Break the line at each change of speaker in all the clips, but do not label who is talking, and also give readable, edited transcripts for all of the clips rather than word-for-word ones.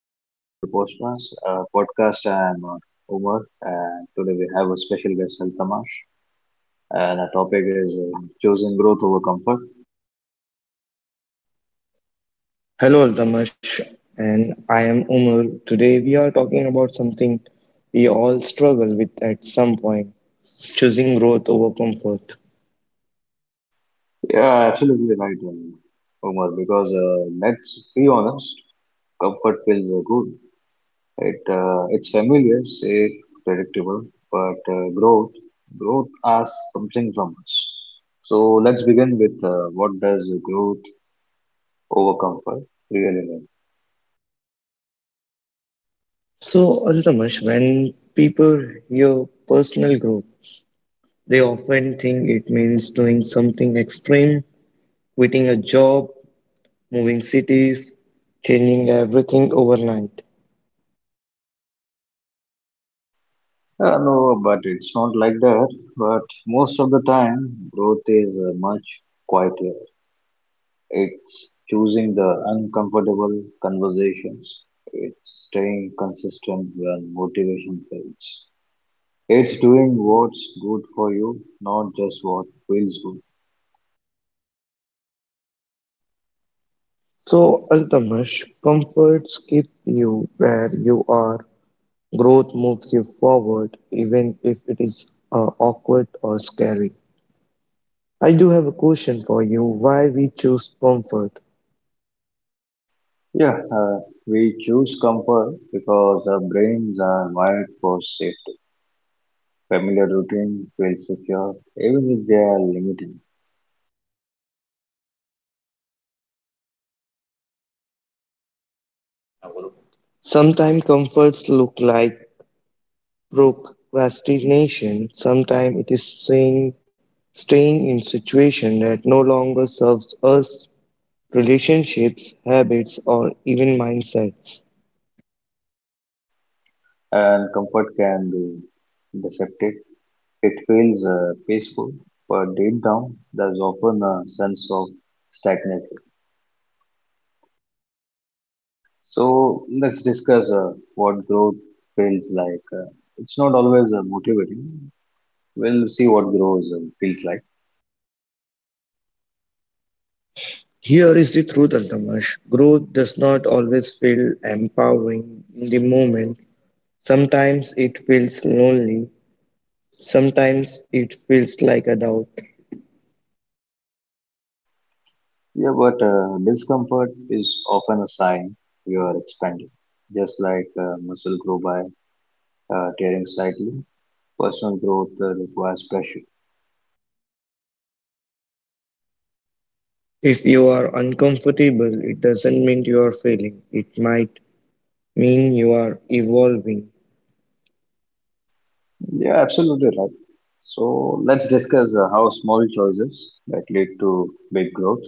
welcome back to the Postmas podcast. I'm Omar, and today we have a special guest, Altamash, and our topic is choosing growth over comfort.
Hello, Damash, and I am Umar. Today we are talking about something we all struggle with at some point choosing growth over comfort.
Yeah, absolutely right, Umar, because let's be honest, comfort feels good. It's familiar, safe, predictable, but growth asks something from us. So let's begin with what does growth over comfort really mean?
So, Damash, when people hear personal growth, they often think it means doing something extreme, quitting a job, moving cities, changing everything overnight.
No, but it's not like that. But most of the time, growth is much quieter. It's choosing the uncomfortable conversations. It's staying consistent when motivation fades. It's doing what's good for you, not just what feels good.
So, Altamash, comforts keep you where you are Growth moves you forward, even if it is awkward or scary. I do have a question for you why we choose comfort.
Yeah, we choose comfort because our brains are wired for safety. Familiar routine feels secure, even if they are limited.
Sometimes comforts look like procrastination, sometimes it is saying, staying in situation that no longer serves us, relationships, habits, or even mindsets.
And comfort can be deceptive. It feels peaceful, but deep down, there's often a sense of stagnation. So let's discuss what growth feels like. It's not always motivating. We'll see what grows feels like.
Here is the truth, Altamash. Growth does not always feel empowering in the moment. Sometimes it feels lonely, sometimes it feels like a doubt.
Yeah, but discomfort is often a sign you are expanding. Just like muscle grow by tearing slightly, personal growth requires pressure.
If you are uncomfortable, it doesn't mean you are failing. It might mean you are evolving,
Yeah, absolutely right. So let's discuss how small choices that lead to big growth.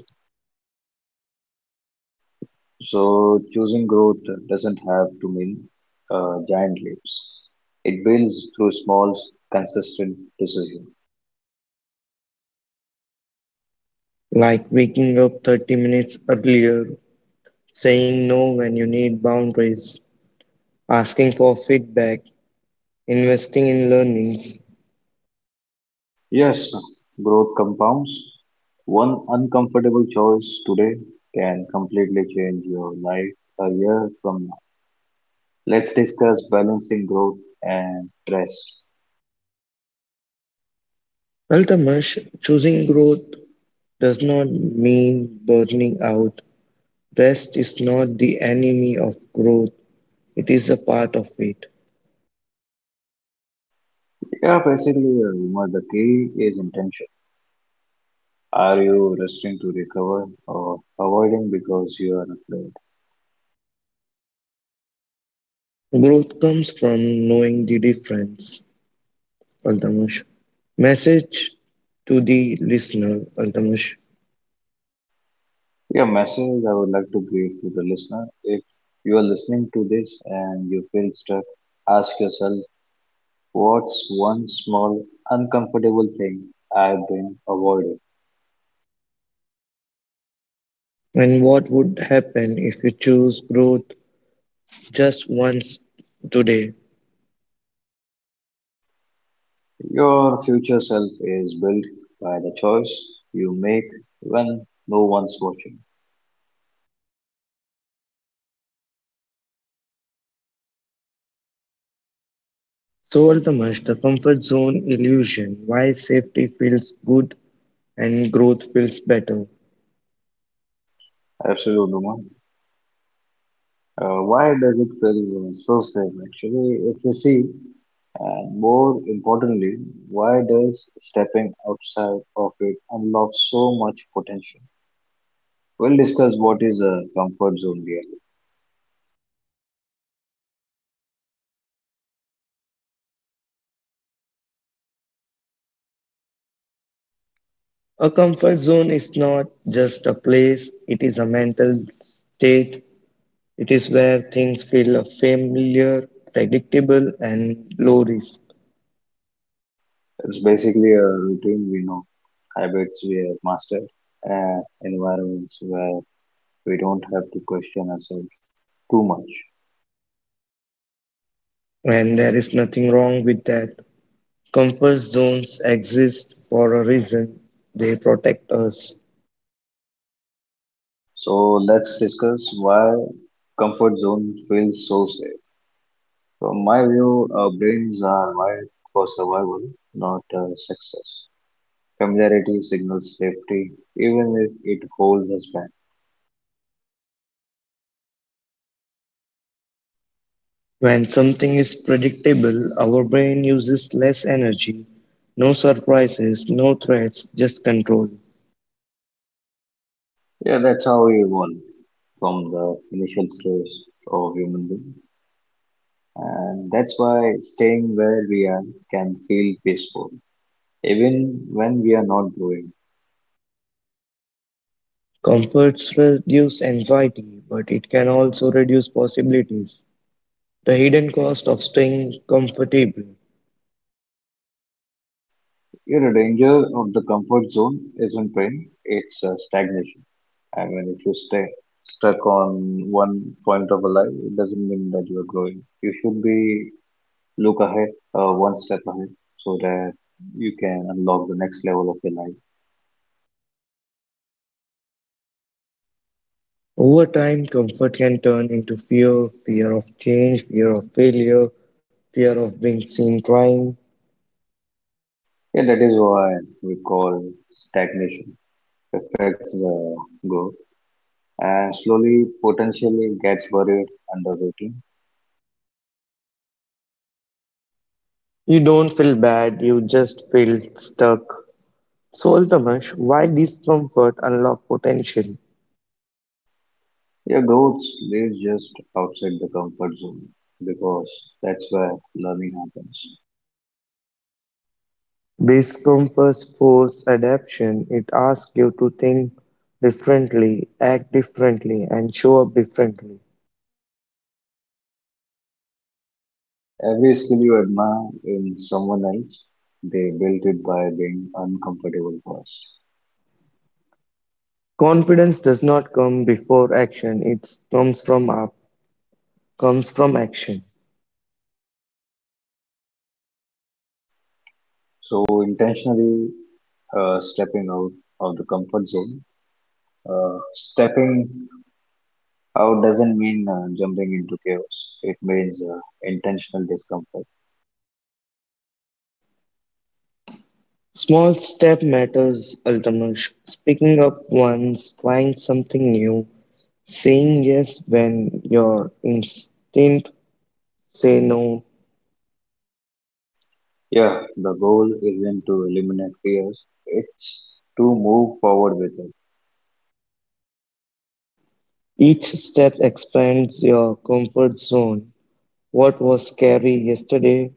So choosing growth doesn't have to mean giant leaps. It builds through small, consistent decisions.
like waking up 30 minutes earlier, saying no when you need boundaries, asking for feedback, investing in learnings.
Yes, growth compounds. One uncomfortable choice today can completely change your life a year from now. Let's discuss balancing growth and rest.
Ultimately, choosing growth does not mean burning out. Rest is not the enemy of growth, it is a part of it.
Yeah, basically, Umar, the key is intention. Are you resting to recover or avoiding because you are afraid?
Growth comes from knowing the difference, Altamush. Message to the listener, Altamush.
Your message I would like to give to the listener. If you are listening to this and you feel stuck, ask yourself, what's one small uncomfortable thing I've been avoiding?
And what would happen if you choose growth just once today?
Your future self is built by the choice you make when no one's watching.
So, Altamush, the comfort zone illusion why safety feels good and growth feels better.
Absolutely, man. Why does it feel so safe? Actually, if you see, and more importantly, why does stepping outside of it unlock so much potential? We'll discuss what is a comfort zone really.
A comfort zone is not just a place, it is a mental state. It is where things feel familiar, predictable, and low risk.
It's basically a routine we know, habits we have mastered, and environments where we don't have to question ourselves too much.
And there is nothing wrong with that. Comfort zones exist for a reason. They protect us.
So let's discuss why comfort zone feels so safe. From my view, our brains are wired for survival, not success. Familiarity signals safety, even if it holds us back.
When something is predictable, our brain uses less energy. No surprises, no threats, just control.
Yeah, that's how we evolve from the initial stage of human being. And that's why staying where we are can feel peaceful, even when we are not growing.
Comforts reduce anxiety, but it can also reduce possibilities. The hidden cost of staying comfortable.
You know, danger of the comfort zone isn't pain, it's stagnation. I mean, if you stay stuck on one point of a life, it doesn't mean that you are growing. You should be look ahead one step ahead so that you can unlock the next level of your life.
Over time, comfort can turn into fear fear of change, fear of failure, fear of being seen trying.
Yeah, that is why we call stagnation affects the growth, and slowly potentially gets buried under routine.
You don't feel bad, you just feel stuck. So, Altamash, why discomfort unlock potential?
Your growth lives just outside the comfort zone, because that's where learning happens.
Discomfort force adaptation. It asks you to think differently, act differently, and show up differently.
Every skill you admire in someone else, they built it by being uncomfortable first.
Confidence does not come before action, it comes from up, comes from action.
So intentionally stepping out of the comfort zone. Stepping out doesn't mean jumping into chaos. It means intentional discomfort.
Small step matters, Altamash. Speaking up once, trying something new, saying yes when your instinct Say no.
Yeah, the goal isn't to eliminate fears. It's to move forward with it.
Each step expands your comfort zone. What was scary yesterday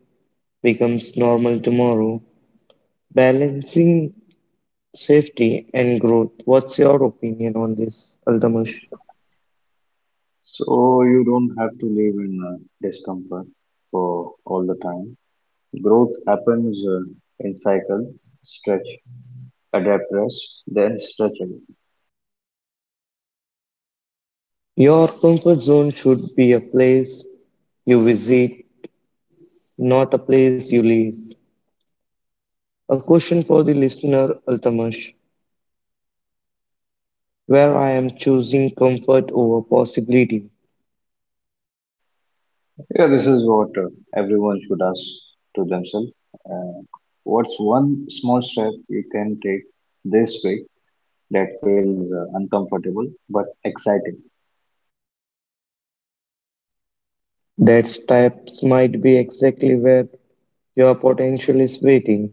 becomes normal tomorrow. Balancing safety and growth. What's your opinion on this, Aldamash?
So you don't have to live in discomfort for all the time. Growth happens in cycles. Stretch, adapt, rest, then stretch again.
Your comfort zone should be a place you visit, not a place you leave. A question for the listener, Altamash, where I am choosing comfort over possibility.
Yeah, this is what everyone should ask to themselves. Uh, what's one small step you can take this week that feels uncomfortable but exciting?
That types might be exactly where Your potential is waiting.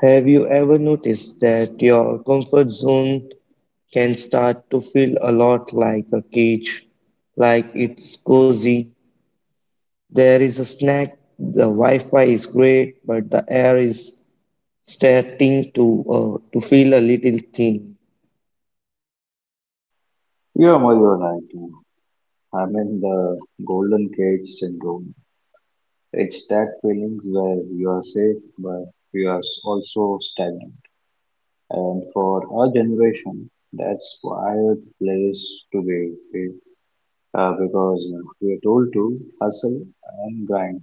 Have you ever noticed that your comfort zone can start to feel a lot like a cage, like it's cozy? There is a snack, the Wi Fi is great, but the air is starting to feel a little thin.
Yeah, Madhu, right. I mean the golden cage syndrome. It's that feelings where you are safe but you are also stagnant. And for our generation, that's wild place to be, because we are told to hustle and grind,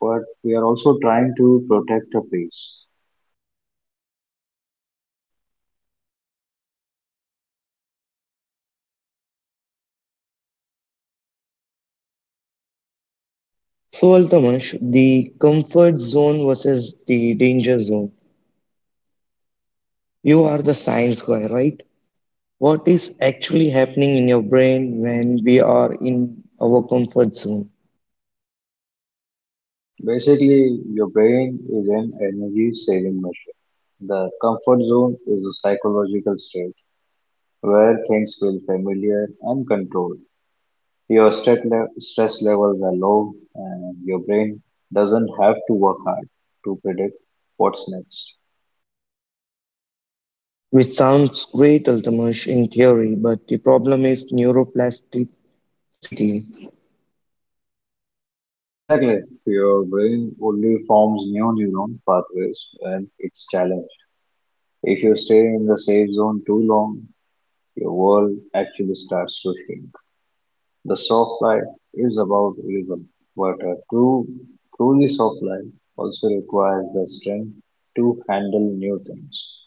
but we are also trying to protect the place.
So, Altamash, the comfort zone versus the danger zone. You are the science guy, right? What is actually happening in your brain when we are in our comfort zone?
Basically, your brain is an energy saving machine. The comfort zone is a psychological state where things feel familiar and controlled. Your stress levels are low, and your brain doesn't have to work hard to predict what's next.
Which sounds great, Altamash, in theory, but the problem is neuroplasticity.
Exactly. Your brain only forms new neuron pathways when it's challenged. If you stay in the safe zone too long, your world actually starts to shrink. The soft life is about reason, but a truly soft life also requires the strength to handle new things.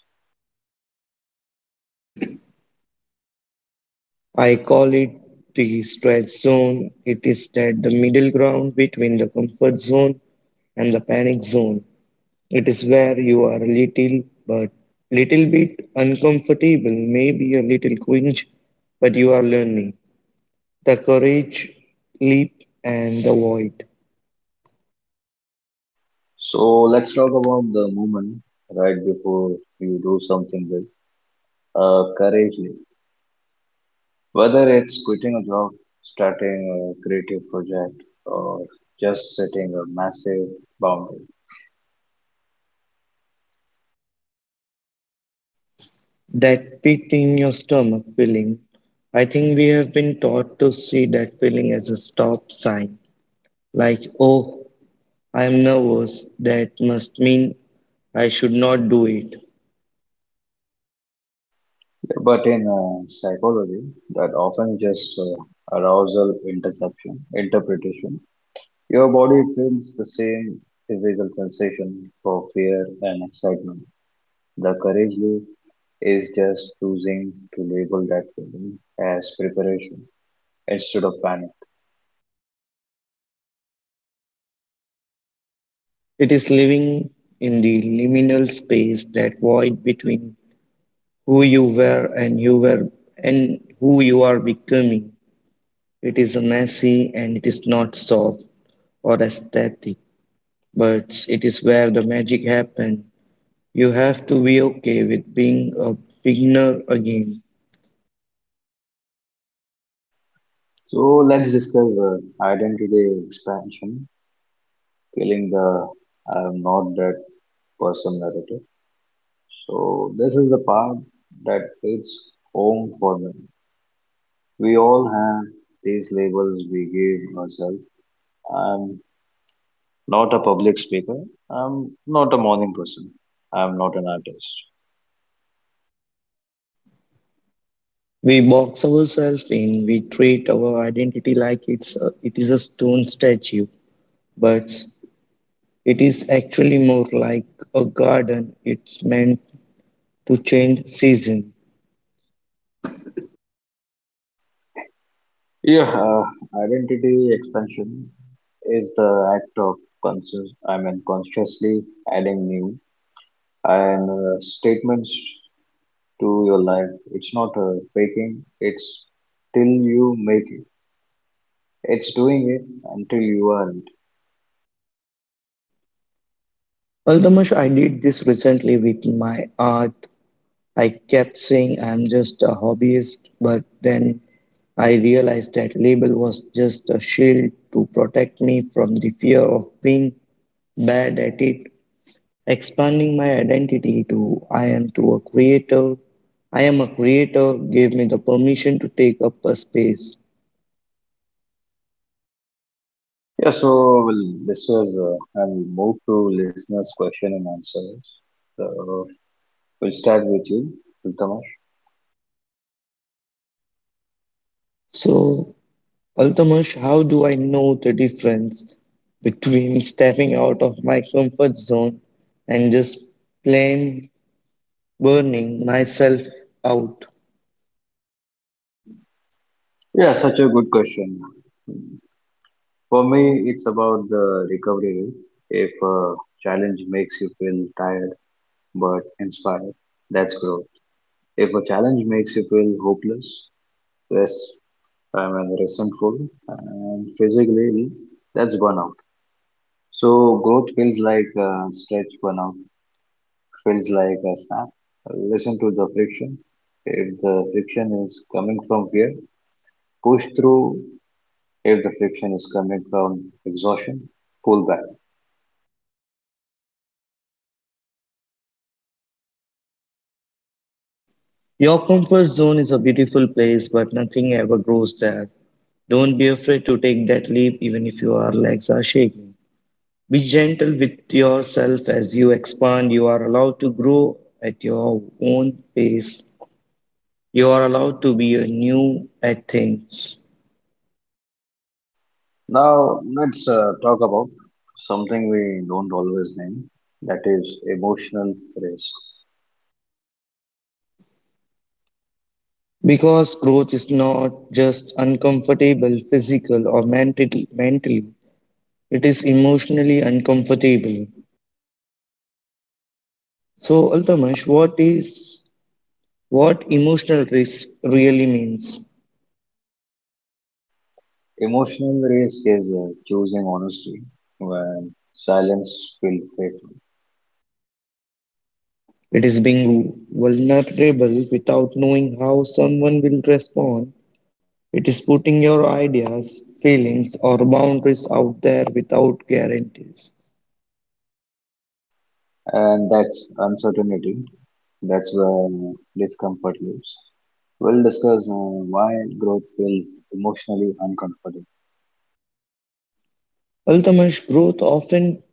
I call it the stretch zone. It is that the middle ground between the comfort zone and the panic zone. It is where you are a little, but little bit uncomfortable, maybe a little cringe, but you are learning. The courage, leap, and the void.
So let's talk about the moment right before you do something big, courageously. Whether it's quitting a job, starting a creative project, or just setting a massive boundary.
That pit in your stomach feeling. I think we have been taught to see that feeling as a stop sign. Like, oh, I am nervous. That must mean I should not do it.
But in psychology, that often just arousal interception, interpretation. Your body feels the same physical sensation for fear and excitement. The courage loop is just choosing to label that feeling as preparation instead of panic.
It is living in the liminal space, that void between who you were and who you are becoming. It is a messy and it is not soft or aesthetic, but it is where the magic happens. You have to be okay with being a beginner again.
So let's discuss identity expansion, killing the I am not that person narrative. So this is the part that hits home for me. We all have these labels we give ourselves. I'm not a public speaker. I'm not a morning person. I'm not an artist.
We box ourselves in, we treat our identity like it's a, it is a stone statue, but it is actually more like a garden. It's meant to change season.
Yeah, identity expansion is the act of consciously adding new and statements to your life. It's not faking. It's till you make it. It's doing it until you are. It.
Altamash, I did this recently with my art. I kept saying I'm just a hobbyist, but then I realized that label was just a shield to protect me from the fear of being bad at it Expanding my identity to I am through a creator. I am a creator gave me the permission to take up a space.
Yeah, so well, this was, I'll move to listeners' question and answers. So we'll start with you, Tamash.
So, Altamash, how do I know the difference between stepping out of my comfort zone and just plain burning myself out?
Yeah, such a good question. For me, it's about the recovery rate. If a challenge makes you feel tired but inspired, that's growth. If a challenge makes you feel hopeless, yes, resentful, and physically ill, that's burnout. So growth feels like stretch burnout. Feels like a snap. Listen to the friction. If the friction is coming from fear, push through. If the friction is coming from exhaustion, pull back.
Your comfort zone is a beautiful place, but nothing ever grows there. Don't be afraid to take that leap, even if your legs are shaking. Be gentle with yourself as you expand. You are allowed to grow at your own pace. You are allowed to be new at things.
Now, let's talk about something we don't always name, that is emotional risk.
Because growth is not just uncomfortable physical or mentally. It is emotionally uncomfortable. So, Altamash, what is what emotional risk really means?
Emotional risk is choosing honesty when silence feels safe.
It is being vulnerable without knowing how someone will respond It is putting your ideas, feelings, or boundaries out there without guarantees.
And that's uncertainty. That's where discomfort lives. We'll discuss why growth feels emotionally uncomfortable.
Ultimate growth often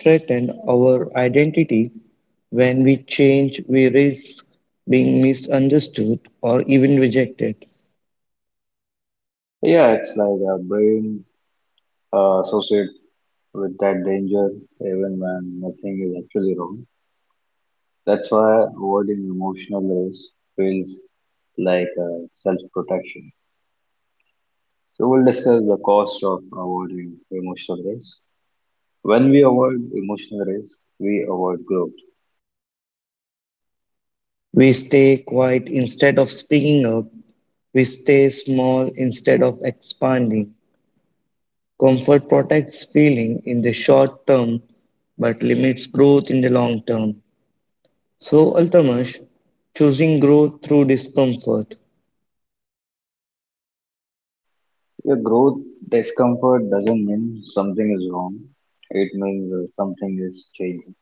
threatens our identity. When we change, we risk being misunderstood or even rejected.
Yeah, it's like our brain associate with that danger even when nothing is actually wrong. That's why avoiding emotional risk feels like self-protection. So we'll discuss the cost of avoiding emotional risk. When we avoid emotional risk, we avoid growth.
We stay quiet instead of speaking up. We stay small instead of expanding. Comfort protects feeling in the short term but limits growth in the long term. So, Altamash, choosing growth through discomfort.
Your growth discomfort doesn't mean something is wrong. It means something is changing.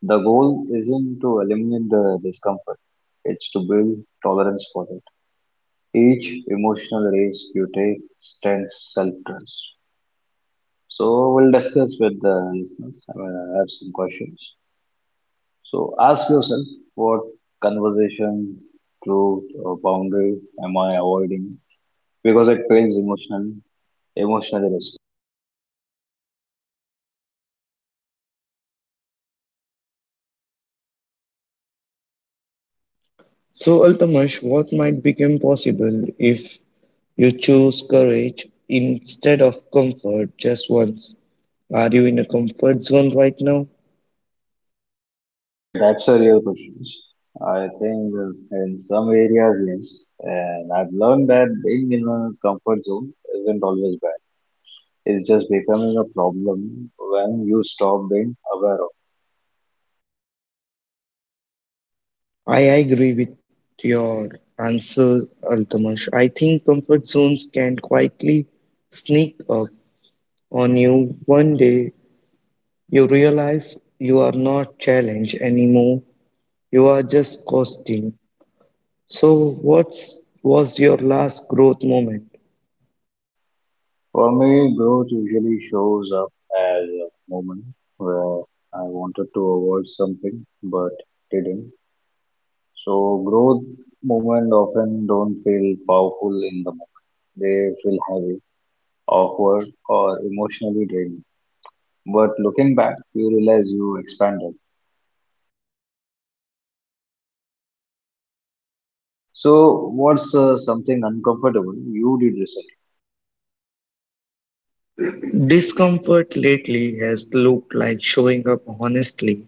The goal isn't to eliminate the discomfort. It's to build tolerance for it. Each emotional race you take stands self-trust. So we'll discuss with the listeners. I mean, I have some questions. So ask yourself, what conversation, truth, or boundary am I avoiding because it feels emotionally
So, Altamash, what might become possible if you choose courage instead of comfort just once? Are you in a comfort zone right now?
Yeah, that's a real question. I think in some areas, yes. And I've learned that being in a comfort zone isn't always bad. It's just becoming a problem when you stop being aware of.
I agree with your answer, Altamash. I think comfort zones can quietly sneak up on you one day. You realize you are not challenged anymore, you are just coasting. So, what was your last growth moment?
For me, growth usually shows up as a moment where I wanted to avoid something but didn't. So growth moment often don't feel powerful in the moment. They feel heavy, awkward, or emotionally draining. But looking back, you realize you expanded. So, what's something uncomfortable you did recently?
Discomfort lately has looked like showing up honestly,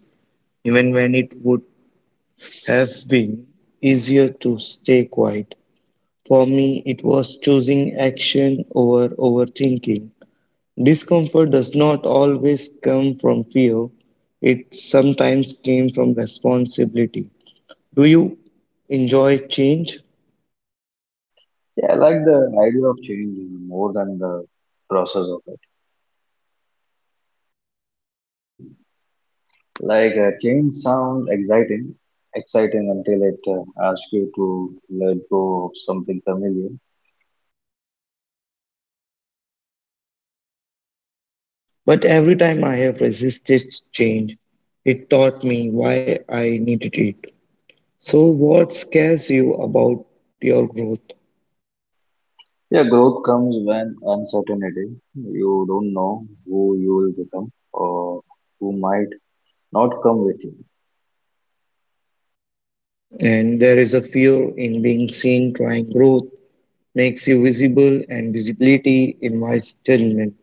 even when it would have been easier to stay quiet. For me, it was choosing action over overthinking. Discomfort does not always come from fear, it sometimes came from responsibility. Do you enjoy change?
Yeah, I like the idea of change more than the process of it. Like, change sounds exciting until it asks you to let go of something familiar.
But every time I have resisted change, it taught me why I needed it. So, what scares you about your growth?
Yeah, growth comes when uncertainty. You don't know who you will become or who might not come with you.
And there is a fear in being seen trying growth, makes you visible, and visibility invites judgment.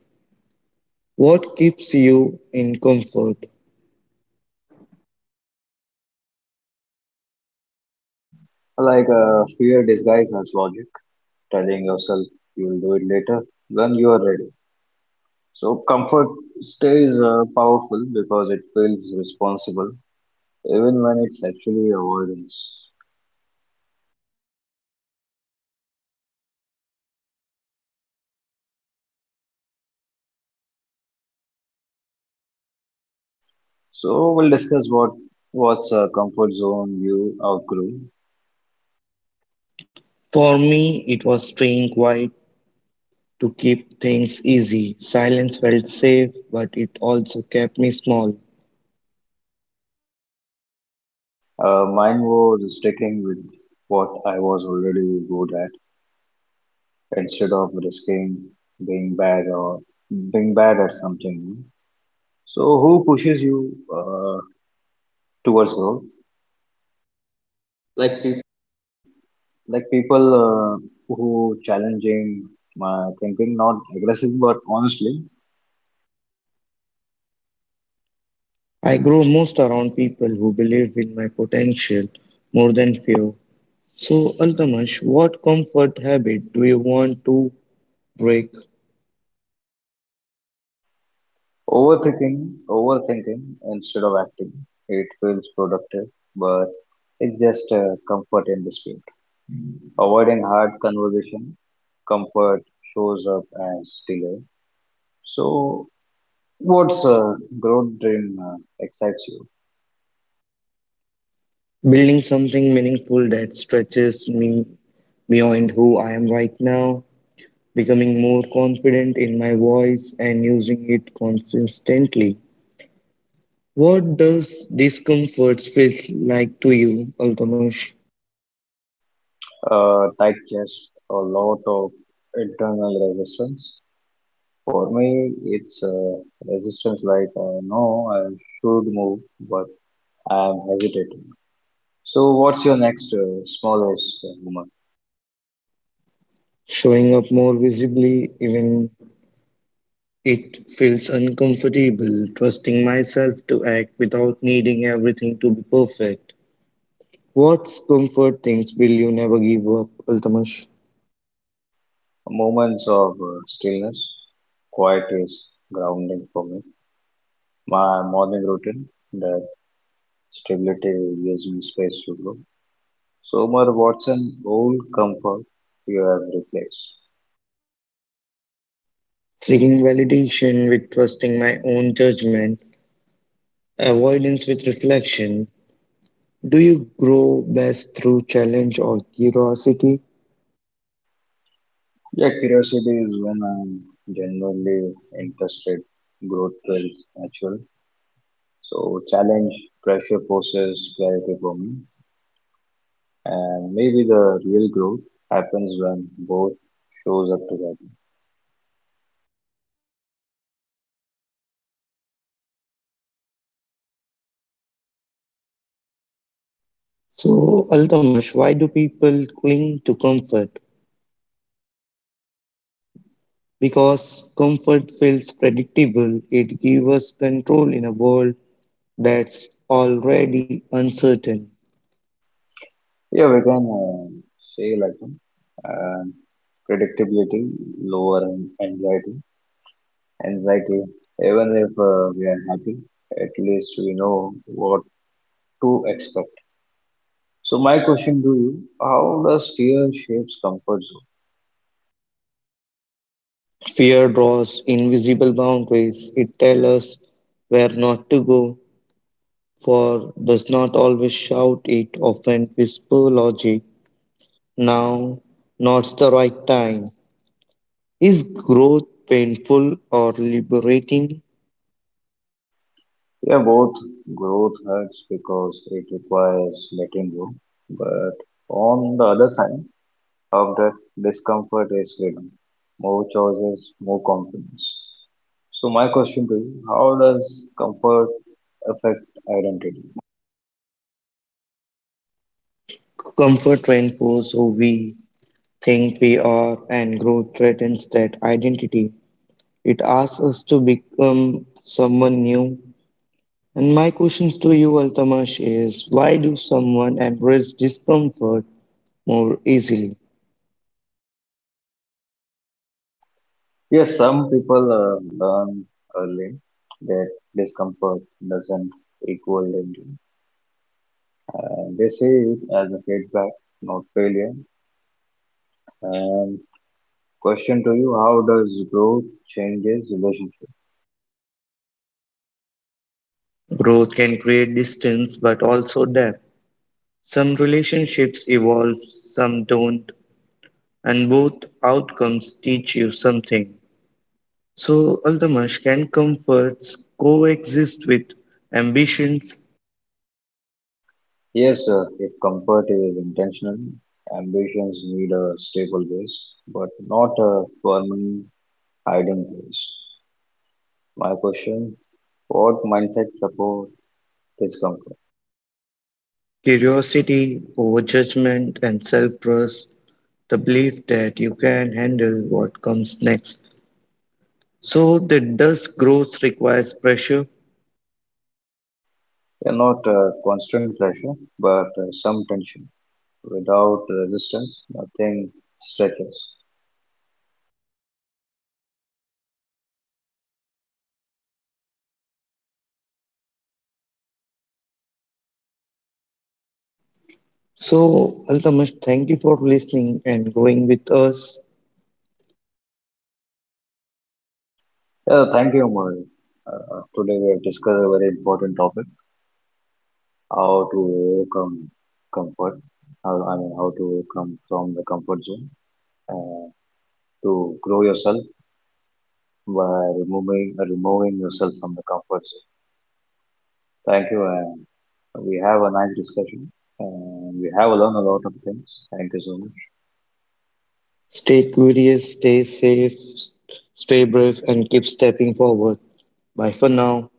What keeps you in comfort?
Like, fear disguised as logic telling yourself you'll do it later when you are ready. So comfort stays powerful because it feels responsible even when it's actually avoidance. So we'll discuss what's a comfort zone you outgrew.
For me, it was staying quiet to keep things easy. Silence felt safe, but it also kept me small.
Mine was sticking with what I was already good at instead of risking being bad or being bad at something. New. So who pushes you uh, towards growth?
Like.
Like people who challenging my thinking, not aggressive, but honestly,
I grow most around people who believe in my potential more than fear. So, Altamash, what comfort habit do you want to break?
overthinking, overthinking instead of acting. It feels productive, but it's just comfort in dispute. Avoiding hard conversation, comfort shows up as delay. So, what's a growth dream excites you?
Building something meaningful that stretches me beyond who I am right now, becoming more confident in my voice and using it consistently. What does discomfort feel like to you, Altamash?
Tight chest, a lot of internal resistance. For me, it's resistance like, no, I should move, but I am hesitating. So, what's your next smallest moment?
Showing up more visibly, even It feels uncomfortable trusting myself to act without needing everything to be perfect. What's comfort things will you never give up, Altamash?
Moments of stillness. Quiet is grounding for me. My morning routine, that stability gives me space to grow. So, Omar, what's an old comfort you have replaced?
Seeking validation with trusting my own judgment, avoidance with reflection. Do you grow best through challenge or curiosity?
Yeah, curiosity is when I'm genuinely interested. Growth feels natural. So challenge, pressure poses clarity for me. And maybe the real growth happens when both shows up together.
So, Altamash, why do people cling to comfort? Because comfort feels predictable, it gives us control in a world that's already uncertain.
Yeah, we can say like uh, predictability, lower anxiety, anxiety. Even if we are happy, at least we know what to expect. So my question to you: how does fear shapes comfort?
Fear draws invisible boundaries. It tells us where not to go, for does not always shout it, often whisper logic. Now, now's the right time. Is growth painful or liberating?
Yeah, both growth hurts because it requires letting go. But on the other side of that discomfort is freedom. More choices, more confidence. So my question to you, how does comfort affect identity?
Comfort reinforces who we think we are, and growth threatens that identity. It asks us to become someone new And my questions to you, Altamash, is why do someone embrace discomfort more easily?
Yes, some people learn early that discomfort doesn't equal danger. And they see it as a feedback, not failure. And question to you, how does growth changes relationship?
Growth can create distance but also depth. Some relationships evolve, some don't, and both outcomes teach you something. So, Altamash, can comforts coexist with ambitions,
Yes, sir, if comfort is intentional, ambitions need a stable base, but not a permanent hiding place. My question, what mindset support is comfort?
curiosity over judgment, and self trust? The belief that you can handle what comes next. So that does growth requires pressure.
Yeah, not constant pressure, but some tension. Without resistance, nothing stretches.
So Altamish, thank you for listening and growing with us.
Yeah, thank you, Amar. Today we have discussed a very important topic. How to overcome comfort, how, I mean, how to overcome from the comfort zone, uh, to grow yourself by removing yourself from the comfort zone. Thank you, and we have a nice discussion, and we have learned a lot of things. Thank you so much.
Stay curious, stay safe, stay brave, and keep stepping forward. Bye for now.